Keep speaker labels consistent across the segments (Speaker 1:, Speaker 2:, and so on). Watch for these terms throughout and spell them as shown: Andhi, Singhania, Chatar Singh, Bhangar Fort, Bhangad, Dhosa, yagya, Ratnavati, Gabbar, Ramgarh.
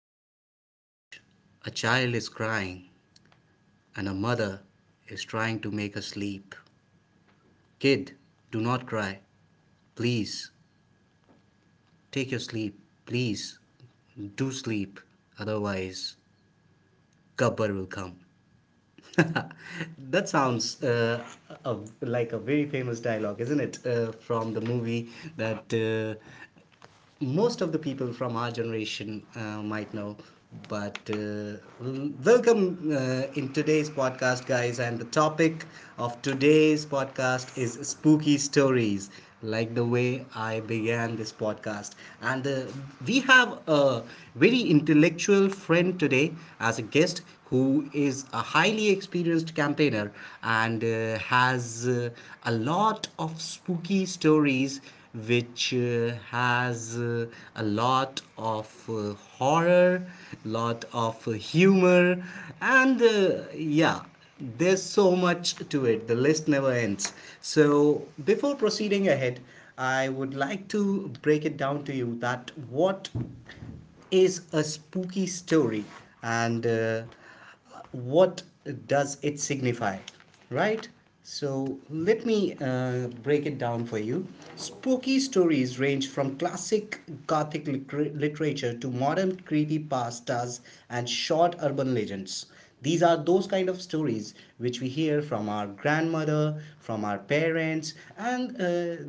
Speaker 1: inside a village, a child is crying and a mother is trying to make her sleep. Kid, do not cry. Please, take your sleep. Please, do sleep. Otherwise, Gabbar will come. That sounds like a very famous dialogue, isn't it? From the movie that uh, most of the people from our generation might know. But welcome in today's podcast, guys. And the topic of today's podcast is spooky stories, like the way I began this podcast. And we have a very intellectual friend today as a guest who is a highly experienced campaigner and has a lot of spooky stories which has a lot of horror, lot of humor, and there's so much to it, the list never ends. So before proceeding ahead, I would like to break it down to you, that what is a spooky story, and what does it signify, right? So let me break it down for you. Spooky stories range from classic gothic literature to modern creepy pastas and short urban legends. These are those kind of stories which we hear from our grandmother, from our parents, and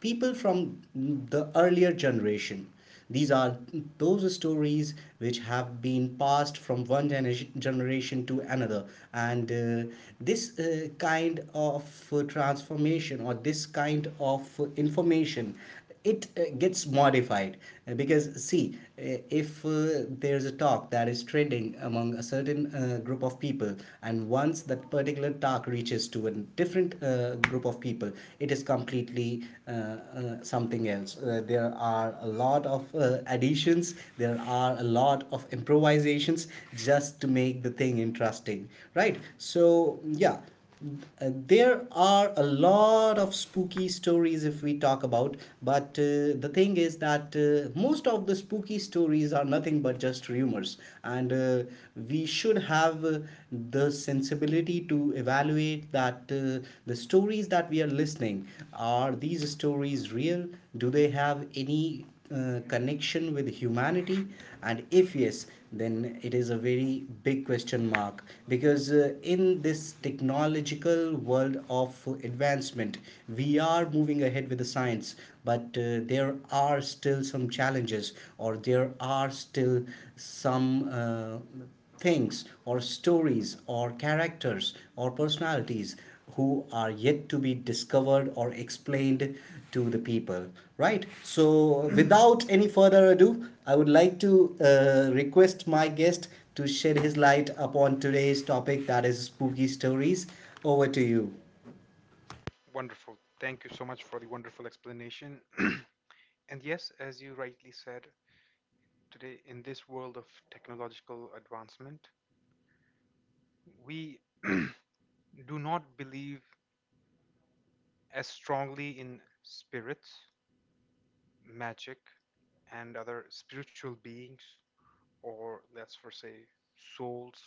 Speaker 1: people from the earlier generation. These are those stories which have been passed from one generation to another. And this kind of transformation, or this kind of information, it gets modified. Because see, if there's a talk that is trending among a certain group of people, and once that particular talk reaches to a different group of people, it is completely something else. There are a lot of additions, there are a lot of improvisations, just to make the thing interesting, right? So yeah uh, there are a lot of spooky stories if we talk about, but the thing is that most of the spooky stories are nothing but just rumors, and we should have the sensibility to evaluate that the stories that we are listening, are these stories real? Do they have any connection with humanity? And if yes, then it is a very big question mark, because in this technological world of advancement, we are moving ahead with the science. But there are still some challenges, or there are still some things or stories or characters or personalities who are yet to be discovered or explained to the people, right? So without any further ado, I would like to request my guest to shed his light upon today's topic, that is spooky stories. Over to you.
Speaker 2: Wonderful. Thank you so much for the wonderful explanation. And yes, as you rightly said, today in this world of technological advancement, we do not believe as strongly in spirits, magic, and other spiritual beings, or let's for say souls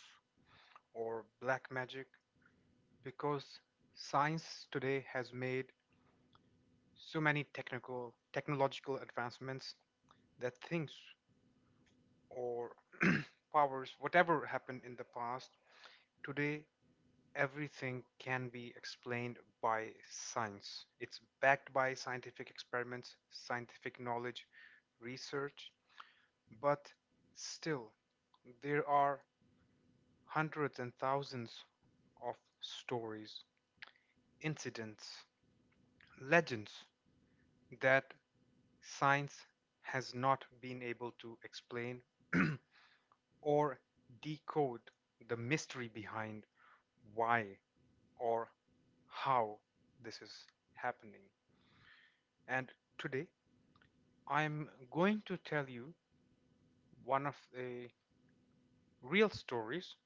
Speaker 2: or black magic, because science today has made so many technical technological advancements that things or powers, whatever happened in the past, today everything can be explained by science. It's backed by scientific experiments, scientific knowledge, research, but still, there are hundreds and thousands of stories, incidents, legends that science has not been able to explain or decode the mystery behind why or how this is happening. And today I'm going to tell you one of the real stories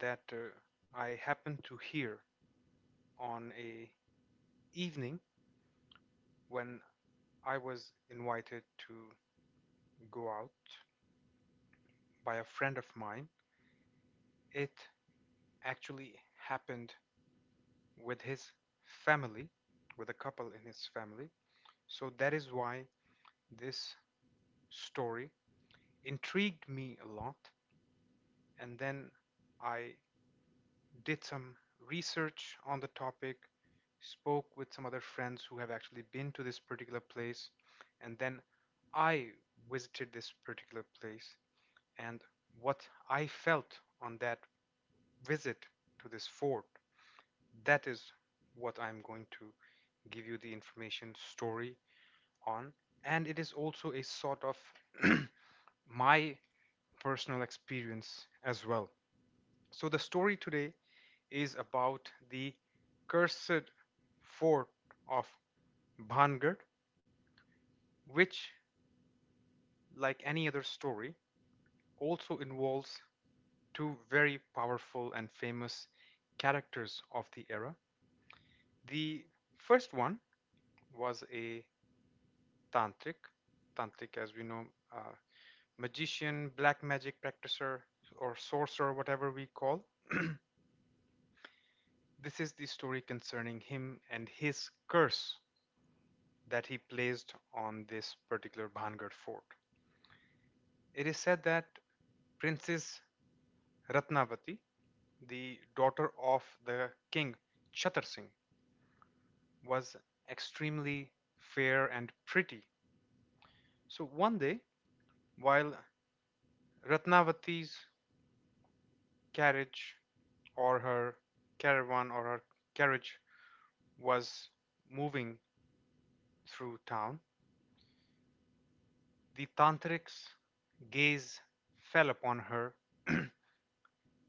Speaker 2: that I happened to hear on a evening when I was invited to go out by a friend of mine. It actually happened with his family, with a couple in his family. So that is why this story intrigued me a lot. And then I did some research on the topic, spoke with some other friends who have actually been to this particular place, and then I visited this particular place and what I felt on that visit to this fort. That is what I'm going to give you the information story on. And it is also a sort of my personal experience as well. So, the story today is about the cursed fort of Bhangad, which, like any other story, also involves two very powerful and famous characters of the era. The first one was a tantric, tantric, as we know, uh, magician, black magic practitioner, or sorcerer, whatever we call. This is the story concerning him and his curse that he placed on this particular Bhangar fort. It is said that Princess Ratnavati, the daughter of the king Chatar Singh, was extremely fair and pretty. So one day, while Ratnavati's carriage or her caravan or her carriage was moving through town, the tantric's gaze fell upon her.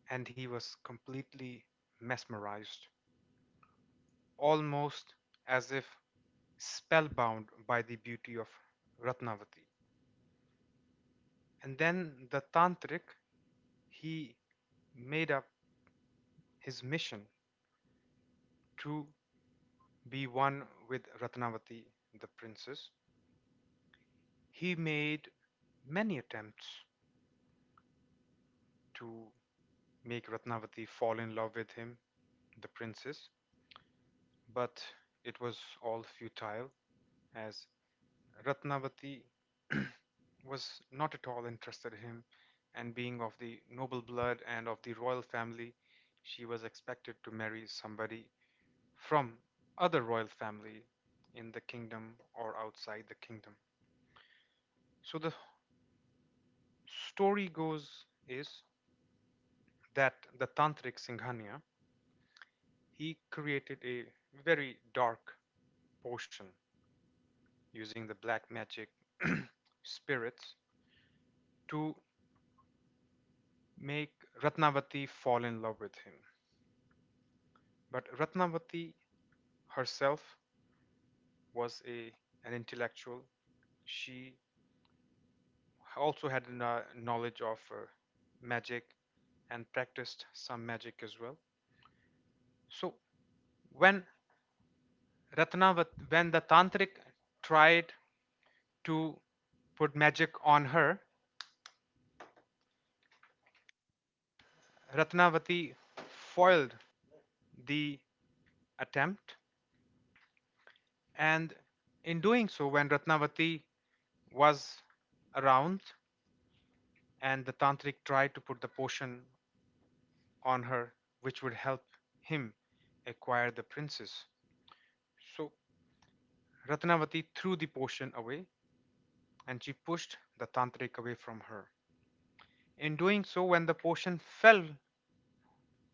Speaker 2: And he was completely mesmerized, almost as if spellbound by the beauty of Ratnavati. And then the tantric, he made up his mission to be one with Ratnavati, the princess. He made many attempts to make Ratnavati fall in love with him, the princess, but it was all futile as Ratnavati was not at all interested in him, and being of the noble blood and of the royal family, she was expected to marry somebody from other royal family in the kingdom or outside the kingdom. So the story goes is that the tantric Singhania, he created a very dark potion using the black magic spirits to make Ratnavati fall in love with him. But Ratnavati herself was a an intellectual. She also had a knowledge of magic and practiced some magic as well. So when when the tantric tried to put magic on her, Ratnavati foiled the attempt, and in doing so, when Ratnavati was around and the tantric tried to put the potion on her which would help him acquire the princess. So Ratnavati threw the potion away and she pushed the tantric away from her. In doing so, when the potion fell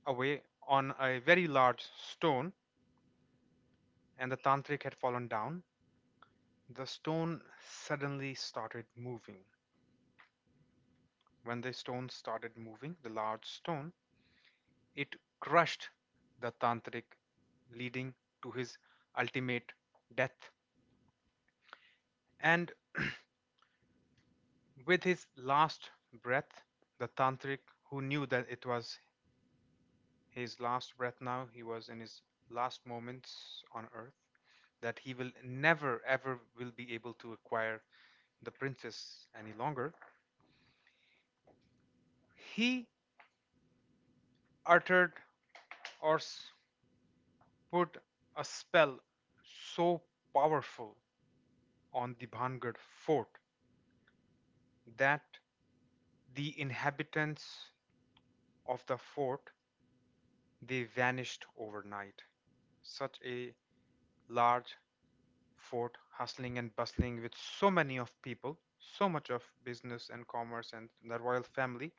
Speaker 2: away on a very large stone and the tantric had fallen down, the stone suddenly started moving. When the stone started moving, the large stone, it crushed the tantric, leading to his ultimate death. And with his last breath, the tantric, who knew that it was his last breath now, he was in his last moments on earth, that he will never ever will be able to acquire the princess any longer, he uttered or put a spell so powerful on the Bhangad fort that the inhabitants of the fort they vanished overnight. Such a large fort, hustling and bustling with so many of people, so much of business and commerce and the royal family,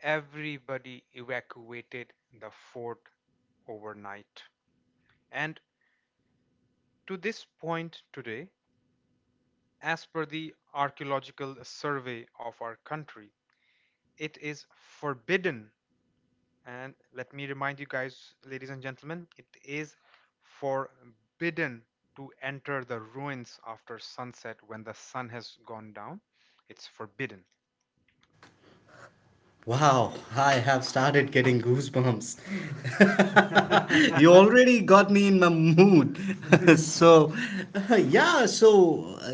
Speaker 2: everybody evacuated the fort overnight. And to this point today, as per the archaeological survey of our country, it is forbidden. And let me remind you guys, ladies and gentlemen, it is forbidden to enter the ruins after sunset when the sun has gone down. It's forbidden.
Speaker 1: Wow, I have started getting goosebumps. You already got me in my mood. so, yeah, so,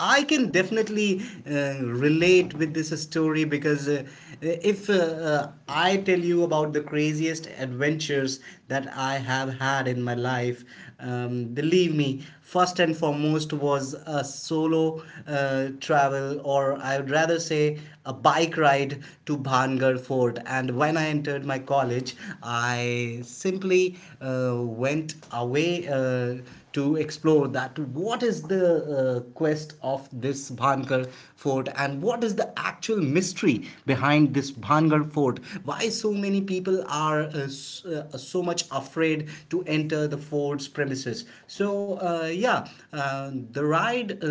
Speaker 1: I can definitely uh, relate with this story, because if I tell you about the craziest adventures that I have had in my life, believe me, first and foremost was a solo travel, or I would rather say a bike ride to Bhaj Pahangar Fort. And when I entered my college, I simply went away to explore that what is the quest of this Bhangar Fort and what is the actual mystery behind this Bhangar Fort. Why so many people are so much afraid to enter the fort's premises. So, the ride,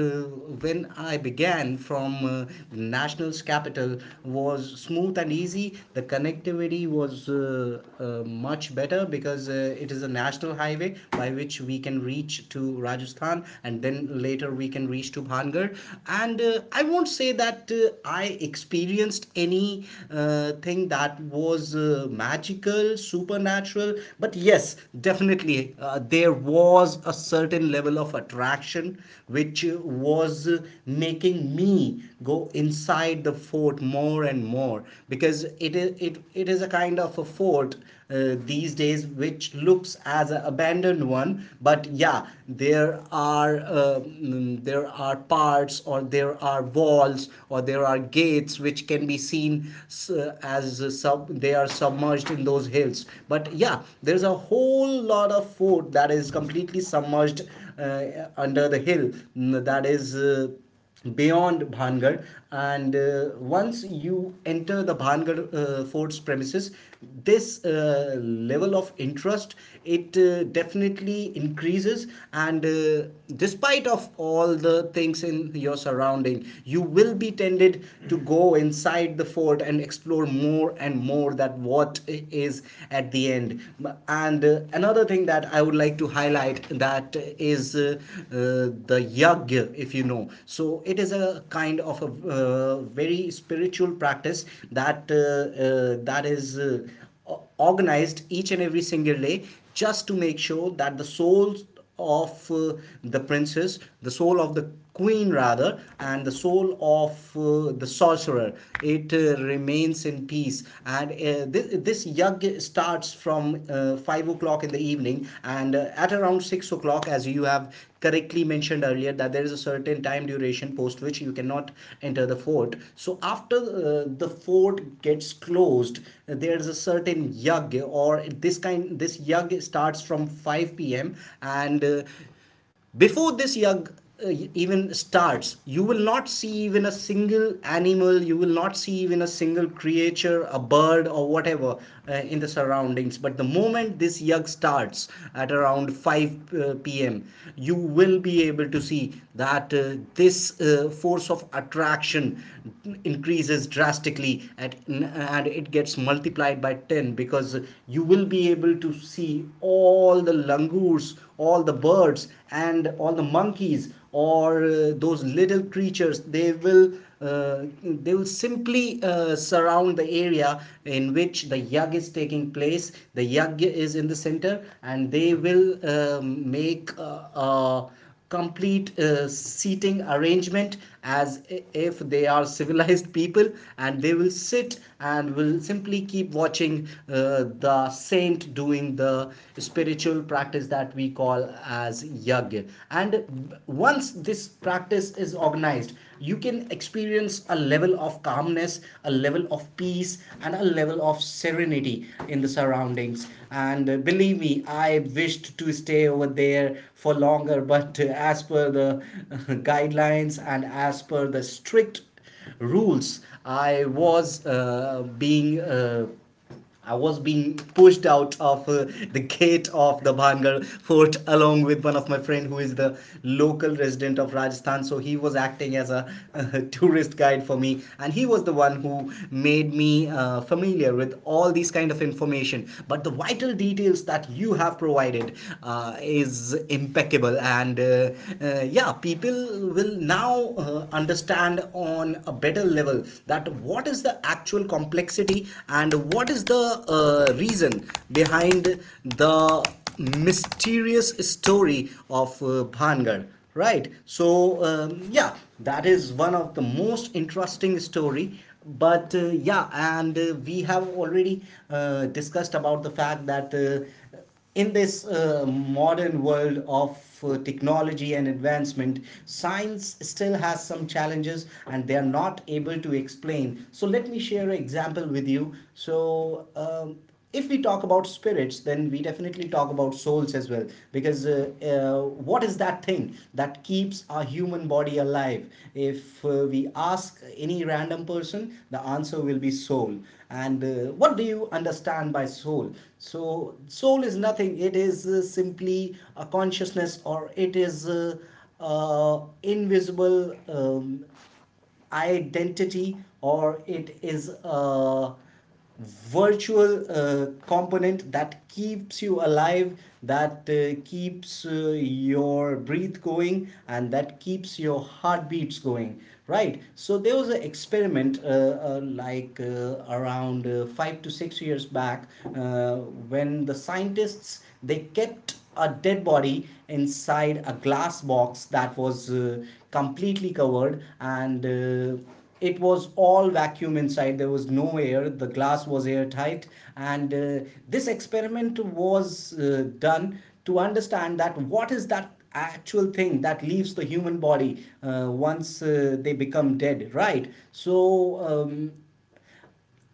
Speaker 1: when I began Japan from national's capital, was smooth and easy. The connectivity was much better, because it is a national highway by which we can reach to Rajasthan, and then later we can reach to Bhangar. And I won't say that I experienced any thing that was magical, supernatural, but yes, definitely there was a certain level of attraction which was making me go inside the fort more and more, because it is a kind of a fort these days which looks as an abandoned one, but yeah, there are there are parts, or there are walls, or there are gates which can be seen s- as a sub they are submerged in those hills. But yeah, there's a whole lot of fort that is completely submerged under the hill, that is beyond Bhangar. And once you enter the Bhangar fort's premises, this level of interest, it definitely increases. And despite of all the things in your surrounding, you will be tended to go inside the fort and explore more and more, that what is at the end. And another thing that I would like to highlight, that is uh, the yagya, if you know. So it is a kind of a very spiritual practice that is organized each and every single day, just to make sure that the souls of the princess, the soul of the queen rather, and the soul of the sorcerer, it remains in peace. And this yug starts from 5 o'clock in the evening, and at around 6 o'clock, clock as you have correctly mentioned earlier, that there is a certain time duration post which you cannot enter the fort. So after the fort gets closed, there is a certain yug, or this yug starts from 5 p.m., and before this yag even starts, you will not see even a single animal, you will not see even a single creature, a bird or whatever, in the surroundings. But the moment this yag starts, at around 5 pm, you will be able to see that this force of attraction increases drastically at and it gets multiplied by 10, because you will be able to see all the langurs fruits, all the birds, and all the monkeys, or those little creatures, they will simply surround the area in which the yag is taking place. The yag is in the center, and they will make a complete seating arrangement, as if they are civilized people, and they will sit and will simply keep watching the saint doing the spiritual practice that we call as yagya. And once this practice is organized, you can experience a level of calmness, a level of peace, and a level of serenity in the surroundings. And believe me, I wished to stay over there for longer, but as per the guidelines, and as per the strict rules, I was uh, being. Uh, I was being pushed out of the gate of the Bhangar fort, along with one of my friend who is the local resident of Rajasthan. So he was acting as a tourist guide for me, and he was the one who made me familiar with all these kind of information. But the vital details that you have provided is impeccable, and yeah, people will now understand on a better level that what is the actual complexity and what is the reason behind the mysterious story of Bhangar, right? So yeah, that is one of the most interesting story. But uh, yeah and uh, we have already discussed about the fact that in this modern world of technology and advancement, science still has some challenges and they are not able to explain. So, let me share an example with you. So, if we talk about spirits, then we definitely talk about souls as well. Because what is that thing that keeps our human body alive? If we ask any random person, the answer will be soul. And what do you understand by soul? So, soul is nothing, it is simply a consciousness, or it is. Invisible identity, or it is a virtual component that keeps you alive, that keeps your breath going and that keeps your heartbeats going. Right, so there was an experiment like around 5 to 6 years back. uh, when the scientists, they kept a dead body inside a glass box that was completely covered, and it was all vacuum inside, there was no air, the glass was airtight. And this experiment was done to understand that what is that actual thing that leaves the human body once they become dead. Right, so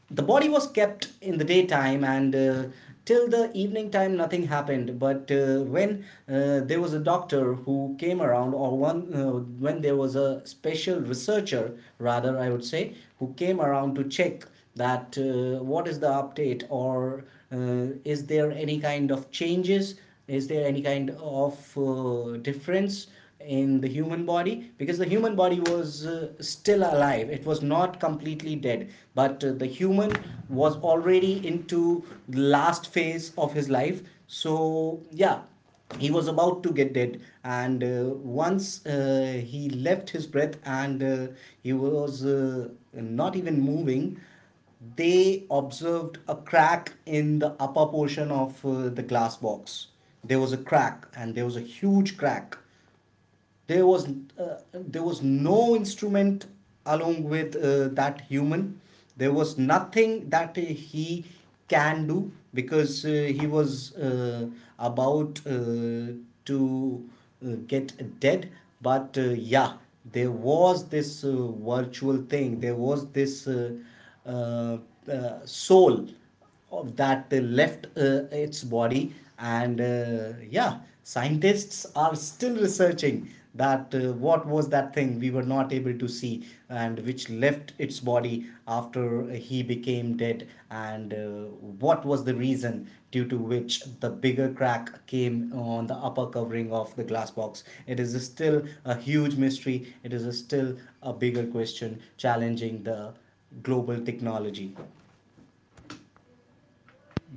Speaker 1: the body was kept in the daytime, and till the evening time nothing happened. But when there was a doctor who came around, or one when there was a special researcher, rather I would say, who came around to check that what is the update, or is there any kind of changes, is there any kind of difference in the human body? Because the human body was still alive, it was not completely dead, but the human was already into the last phase of his life. So yeah, he was about to get dead, and once he left his breath and he was not even moving, they observed a crack in the upper portion of the glass box. There was a crack, and there was a huge crack. There was there was no instrument along with that human. There was nothing that he can do, because he was about to get dead. But yeah, there was this virtual thing, there was this uh, soul of that left its body. And yeah, scientists are still researching that what was that thing we were not able to see, and which left its body after he became dead. And what was the reason due to which the bigger crack came on the upper covering of the glass box? It is still a huge mystery, it is still a bigger question challenging the global technology.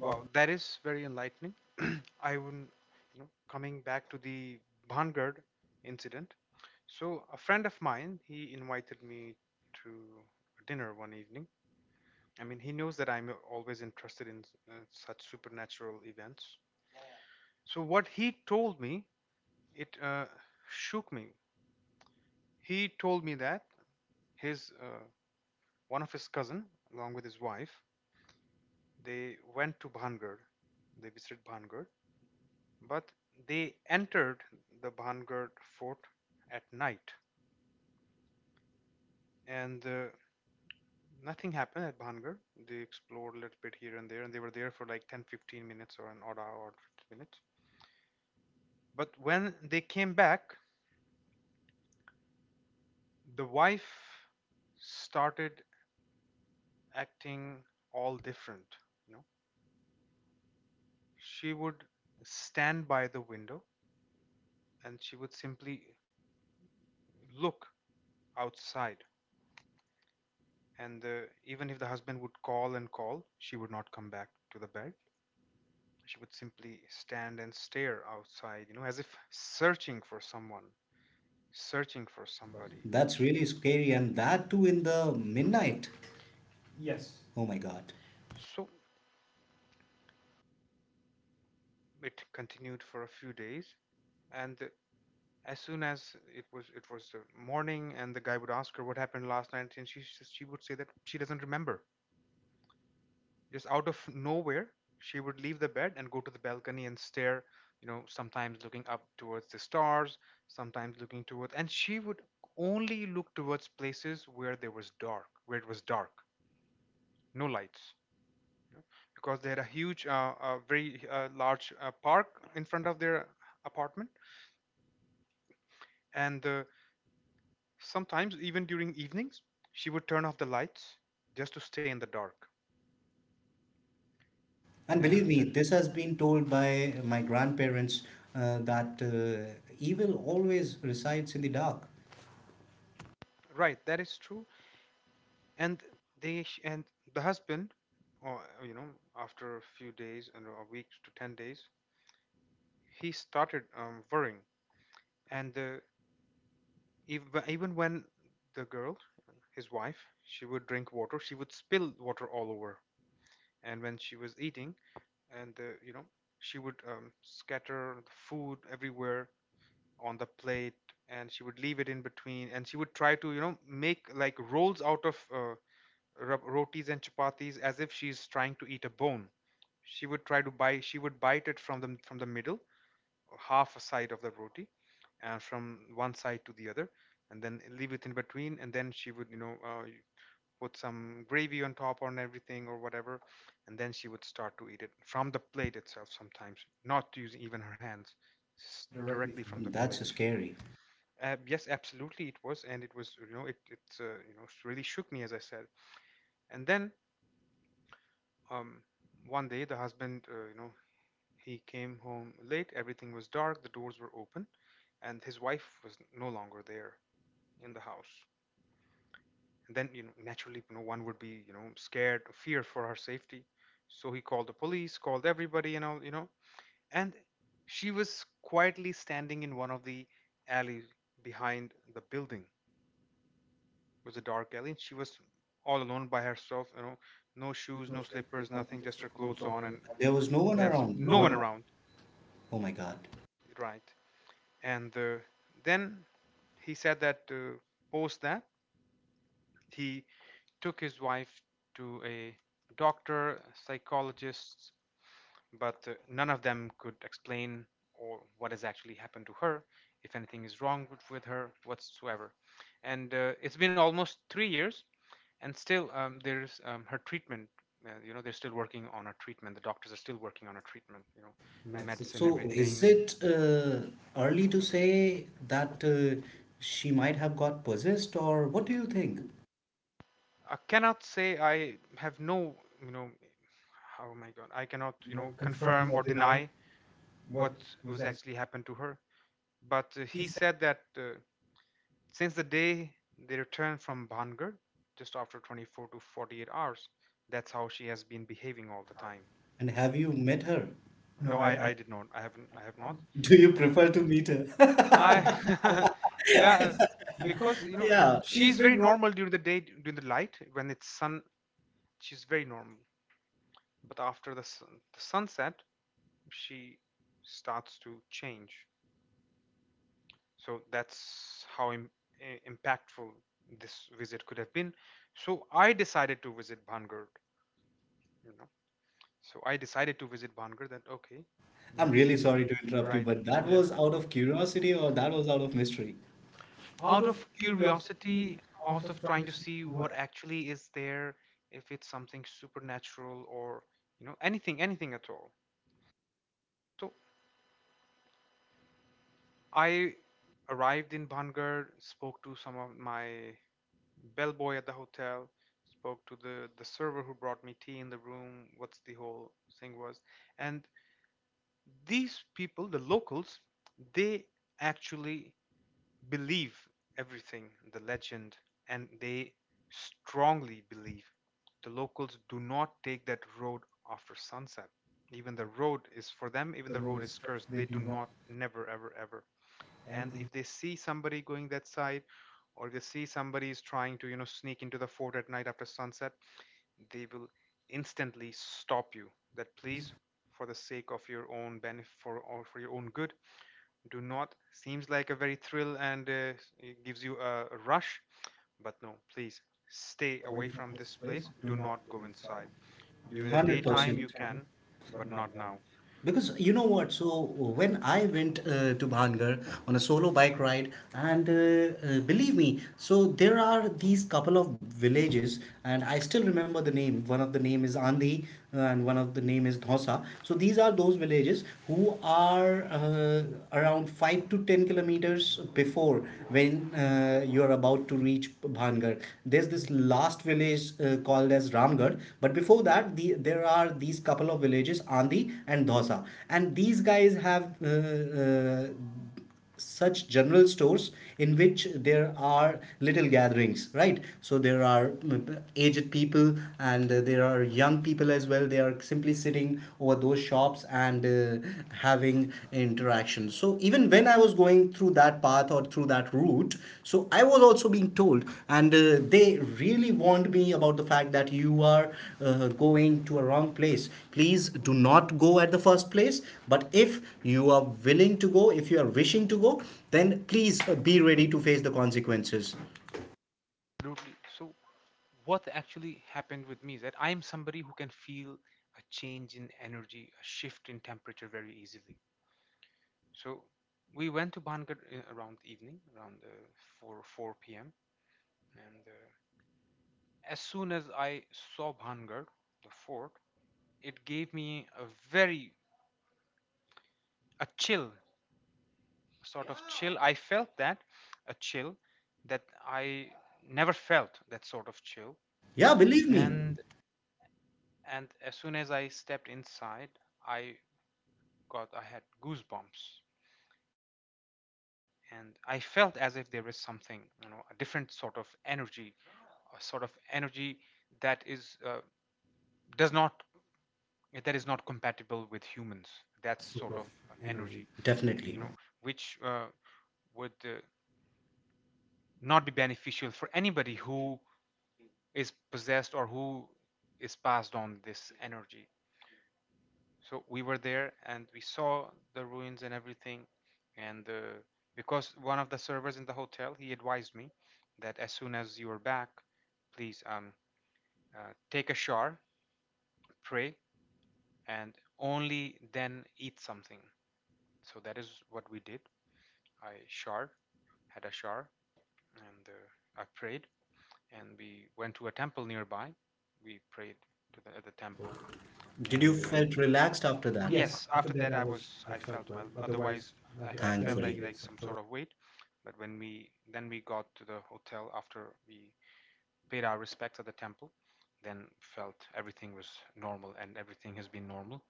Speaker 2: Wow, that is very enlightening. I wouldn't, you know, coming back to the Bhangad incident. So, a friend of mine, he invited me to dinner one evening. I mean, he knows that I'm always interested in such supernatural events. So, what he told me, it shook me. He told me that his one of his cousin, along with his wife, they went to Bhangar. They visited Bhangar, but they entered the Bhangar fort at night, and nothing happened at Bhangar. They explored a little bit here and there, and they were there for like 10, 15 minutes or an odd hour or 15 minutes. But when they came back, the wife started acting all different. You know, she would stand by the window and she would simply look outside. And even if the husband would call and call, she would not come back to the bed. She would simply stand and stare outside, you know, as if searching for someone, searching for somebody.
Speaker 1: That's really scary, and that too in the midnight. Oh my God.
Speaker 2: So it continued for a few days. And as soon as it was morning, and the guy would ask her what happened last night, and she would say that she doesn't remember. Just out of nowhere, she would leave the bed and go to the balcony and stare, you know, sometimes looking up towards the stars, sometimes looking towards, and she would only look towards places where there was dark, where it was dark, no lights, because they had a huge, a very large park in front of their apartment, and sometimes even during evenings, she would turn off the lights just to stay in the dark.
Speaker 1: And believe
Speaker 2: And
Speaker 1: me, this has been told by my grandparents that evil always resides in the dark.
Speaker 2: Right, that is true. And and the husband, or you know, after a few days and a week to 10 days, he started worrying. And even when the girl, his wife, she would drink water, she would spill water all over, and when she was eating, and you know, she would scatter the food everywhere on the plate, and she would leave it in between, and she would try to, you know, make like rolls out of rotis and chapatis as if she's trying to eat a bone. She would try to bite. She would bite it from the middle, half a side of the roti, and from one side to the other, and then leave it in between. And then she would, you know, put some gravy on top on everything or whatever, and then she would start to eat it from the plate itself. Sometimes not using even her hands,
Speaker 1: The
Speaker 2: directly from the
Speaker 1: That's
Speaker 2: plate.
Speaker 1: scary.
Speaker 2: Yes, absolutely, it was, and it was, you know, it's you know, really shook me as I said. And then, Um, one day, the husband, you know, he came home late. Everything was dark. The doors were open, and his wife was no longer there in the house. And then, you know, naturally, you know, one would be, you know, scared, fear for her safety. So he called the police, called everybody, and all, you know. And she was quietly standing in one of the alleys behind the building. It was a dark alley, and she was all alone by herself. You know, no shoes, no slippers, nothing, just her clothes on, and
Speaker 1: There was no one There's
Speaker 2: that's it.
Speaker 1: around.
Speaker 2: No one around.
Speaker 1: Oh my God.
Speaker 2: Right. And then he said that post that he took his wife to a doctor, psychologists, but none of them could explain or what has actually happened to her, if anything is wrong with her whatsoever. And it's been almost 3 years, and still there's her treatment. You know, they're still working on her treatment. The doctors are still working on her treatment. You know, meds and
Speaker 1: So is
Speaker 2: everything. So is it,
Speaker 1: it
Speaker 2: uh,
Speaker 1: early to say that she might have got possessed, or what do you think?
Speaker 2: I cannot say. I have no, you know, oh my God, I cannot, you know, confirm or deny what was actually happened to her. But he said that since the day they returned from Bhangar, just after 24 to 48 hours, that's how she has been behaving all the time.
Speaker 1: And have you met her?
Speaker 2: No, I did not. I haven't. I have not.
Speaker 1: Do
Speaker 2: Do
Speaker 1: you
Speaker 2: you
Speaker 1: prefer
Speaker 2: prefer
Speaker 1: to
Speaker 2: to
Speaker 1: meet
Speaker 2: be
Speaker 1: her?
Speaker 2: I, yeah, because you know
Speaker 1: Yeah.
Speaker 2: she's very normal during the day, during the light when it's sun. She's very normal. But after the, the sunset, she starts to change. So that's how impactful this visit could have been. So I decided to visit Bhangar, you know. So I decided to visit bhangar That, okay,
Speaker 1: I'm
Speaker 2: let's
Speaker 1: really
Speaker 2: really
Speaker 1: sorry to
Speaker 2: see.
Speaker 1: interrupt. Right, you,
Speaker 2: Right.
Speaker 1: but that
Speaker 2: Yes,
Speaker 1: was out of curiosity, or that was out of mystery?
Speaker 2: out of curiosity, out of trying to see what actually is there, if it's something supernatural or, you know, anything anything at all. So I arrived in Bhangar, spoke to some of my bellboy at the hotel, spoke to the server who brought me tea in the room, what's the whole thing was. And these people, the locals, they actually believe everything, the legend, and they strongly believe. The locals do not take that road after sunset. Even the road is for them, even the road is cursed. They do not, never, ever, ever. And if they see somebody going that side or they see somebody is trying to, you know, sneak into the fort at night after sunset, they will instantly stop you that please, for the sake of your own benefit, for, or for your own good, do not. Seems like a very thrill and it gives you a rush, but no, please, stay away from this place. Do not go inside.
Speaker 1: Hundred One
Speaker 2: During the
Speaker 1: hundred
Speaker 2: daytime you
Speaker 1: percent.
Speaker 2: can, but not now.
Speaker 1: Because you know what? So when I went to Bhangar on a solo bike ride, and believe me, so there are these couple of villages, and I still remember the name. One of the name is Andhi, and one of the name is Dhosa. So these are those villages who are around 5 to 10 kilometers before when you are about to reach Bhangar. There's this last village called as Ramgarh, but before that, there are these couple of villages, Andi and Dhosa. And these guys have such general stores in which there are little gatherings. Right, so there are aged people, and there are young people as well. They are simply sitting over those shops and having interaction. So even when I was going through that path or through that route, so I was also being told, and they really warned me about the fact that you are going to a wrong place, please do not go at the first place. But if you are willing to go, if you are wishing to go, then please be ready to face the consequences.
Speaker 2: Absolutely. So what actually happened with me is that I'm somebody who can feel a change in energy, a shift in temperature very easily. So we went to Bhangar around evening, around 4 p.m. And as soon as I saw Bhangar, the fort, it gave me a very, a chill, sort of chill. I felt that a chill that I never felt, that sort of chill.
Speaker 1: Yeah, believe me.
Speaker 2: And and as soon as I stepped inside, I, God, I had goosebumps. And I felt as if there was something, you know, a different sort of energy, a sort of energy that is does not, that is not compatible with humans. That sort of energy,
Speaker 1: Definitely.
Speaker 2: you know, which would not be beneficial for anybody who is possessed or who is passed on this energy. So we were there and we saw the ruins and everything. And because one of the servers in the hotel, he advised me that as soon as you are back, please uh, take a shower, pray, and only then eat something. So that is what we did. I showered had a shower, and I prayed, and we went to a temple nearby. We prayed to the, at the temple.
Speaker 1: Did you
Speaker 2: And
Speaker 1: felt relaxed after that?
Speaker 2: yes, after that, I felt well. Otherwise I felt like
Speaker 1: Thankfully.
Speaker 2: like some sort of weight. But when we got to the hotel after we paid our respects at the temple, then felt everything was normal, and everything has been normal.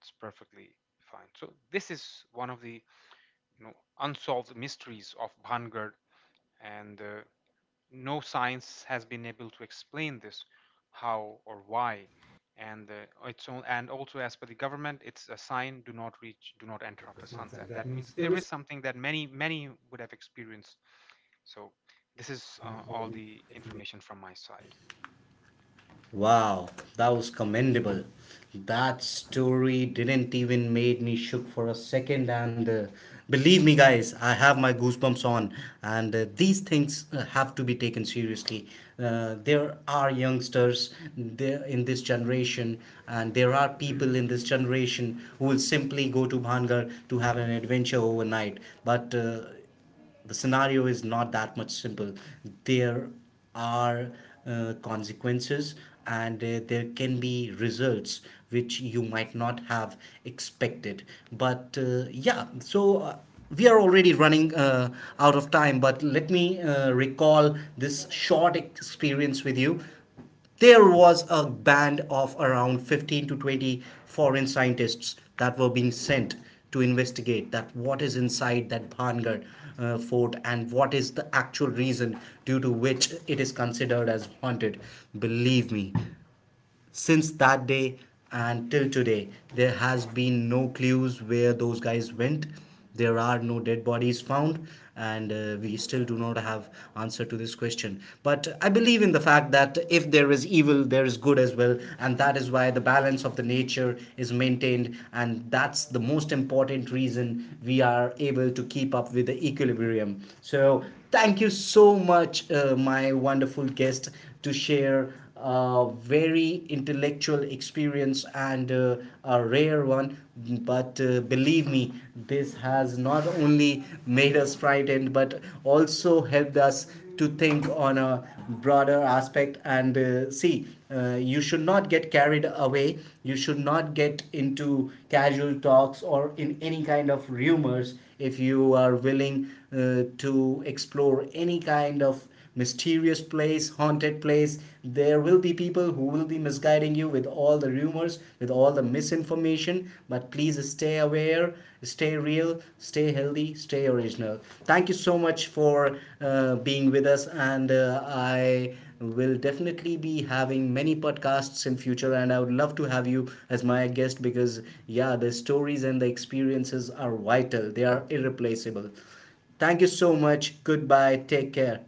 Speaker 2: It's perfectly fine. So this is one of the, you know, unsolved mysteries of Bhangad. And no science has been able to explain this, how or why. And it's all, and also as per the government, it's a sign, do not reach, do not enter after sunset. That means there is something that many many would have experienced. So this is all the information from my side.
Speaker 1: Wow, that was commendable. That story didn't even made me shook for a second, and believe me guys, I have my goosebumps on, and these things have to be taken seriously. There are youngsters there in this generation, and there are people in this generation who will simply go to Bhangar to have an adventure overnight. But the scenario is not that much simple. There are consequences, and there can be results which you might not have expected. But yeah, so we are already running out of time, but let me recall this short experience with you. There was a band of around 15 to 20 foreign scientists that were being sent to investigate that what is inside that Bhangar fort, and what is the actual reason due to which it is considered as haunted. Believe me, since that day and till today, there has been no clues where those guys went, there are no dead bodies found, and we still do not have answer to this question. But I believe in the fact that if there is evil, there is good as well, and that is why the balance of the nature is maintained, and that's the most important reason we are able to keep up with the equilibrium. So thank you so much my wonderful guest, to share very intellectual experience, and a rare one. But believe me, this has not only made us frightened, but also helped us to think on a broader aspect, and see, you should not get carried away, you should not get into casual talks or in any kind of rumors. If you are willing to explore any kind of mysterious place, haunted place, there will be people who will be misguiding you with all the rumors, with all the misinformation. But please stay aware, stay real, stay healthy, stay original. Thank you so much for being with us, and I will definitely be having many podcasts in future, and I would love to have you as my guest, because yeah, the stories and the experiences are vital, they are irreplaceable. Thank you so much. Goodbye. Take care.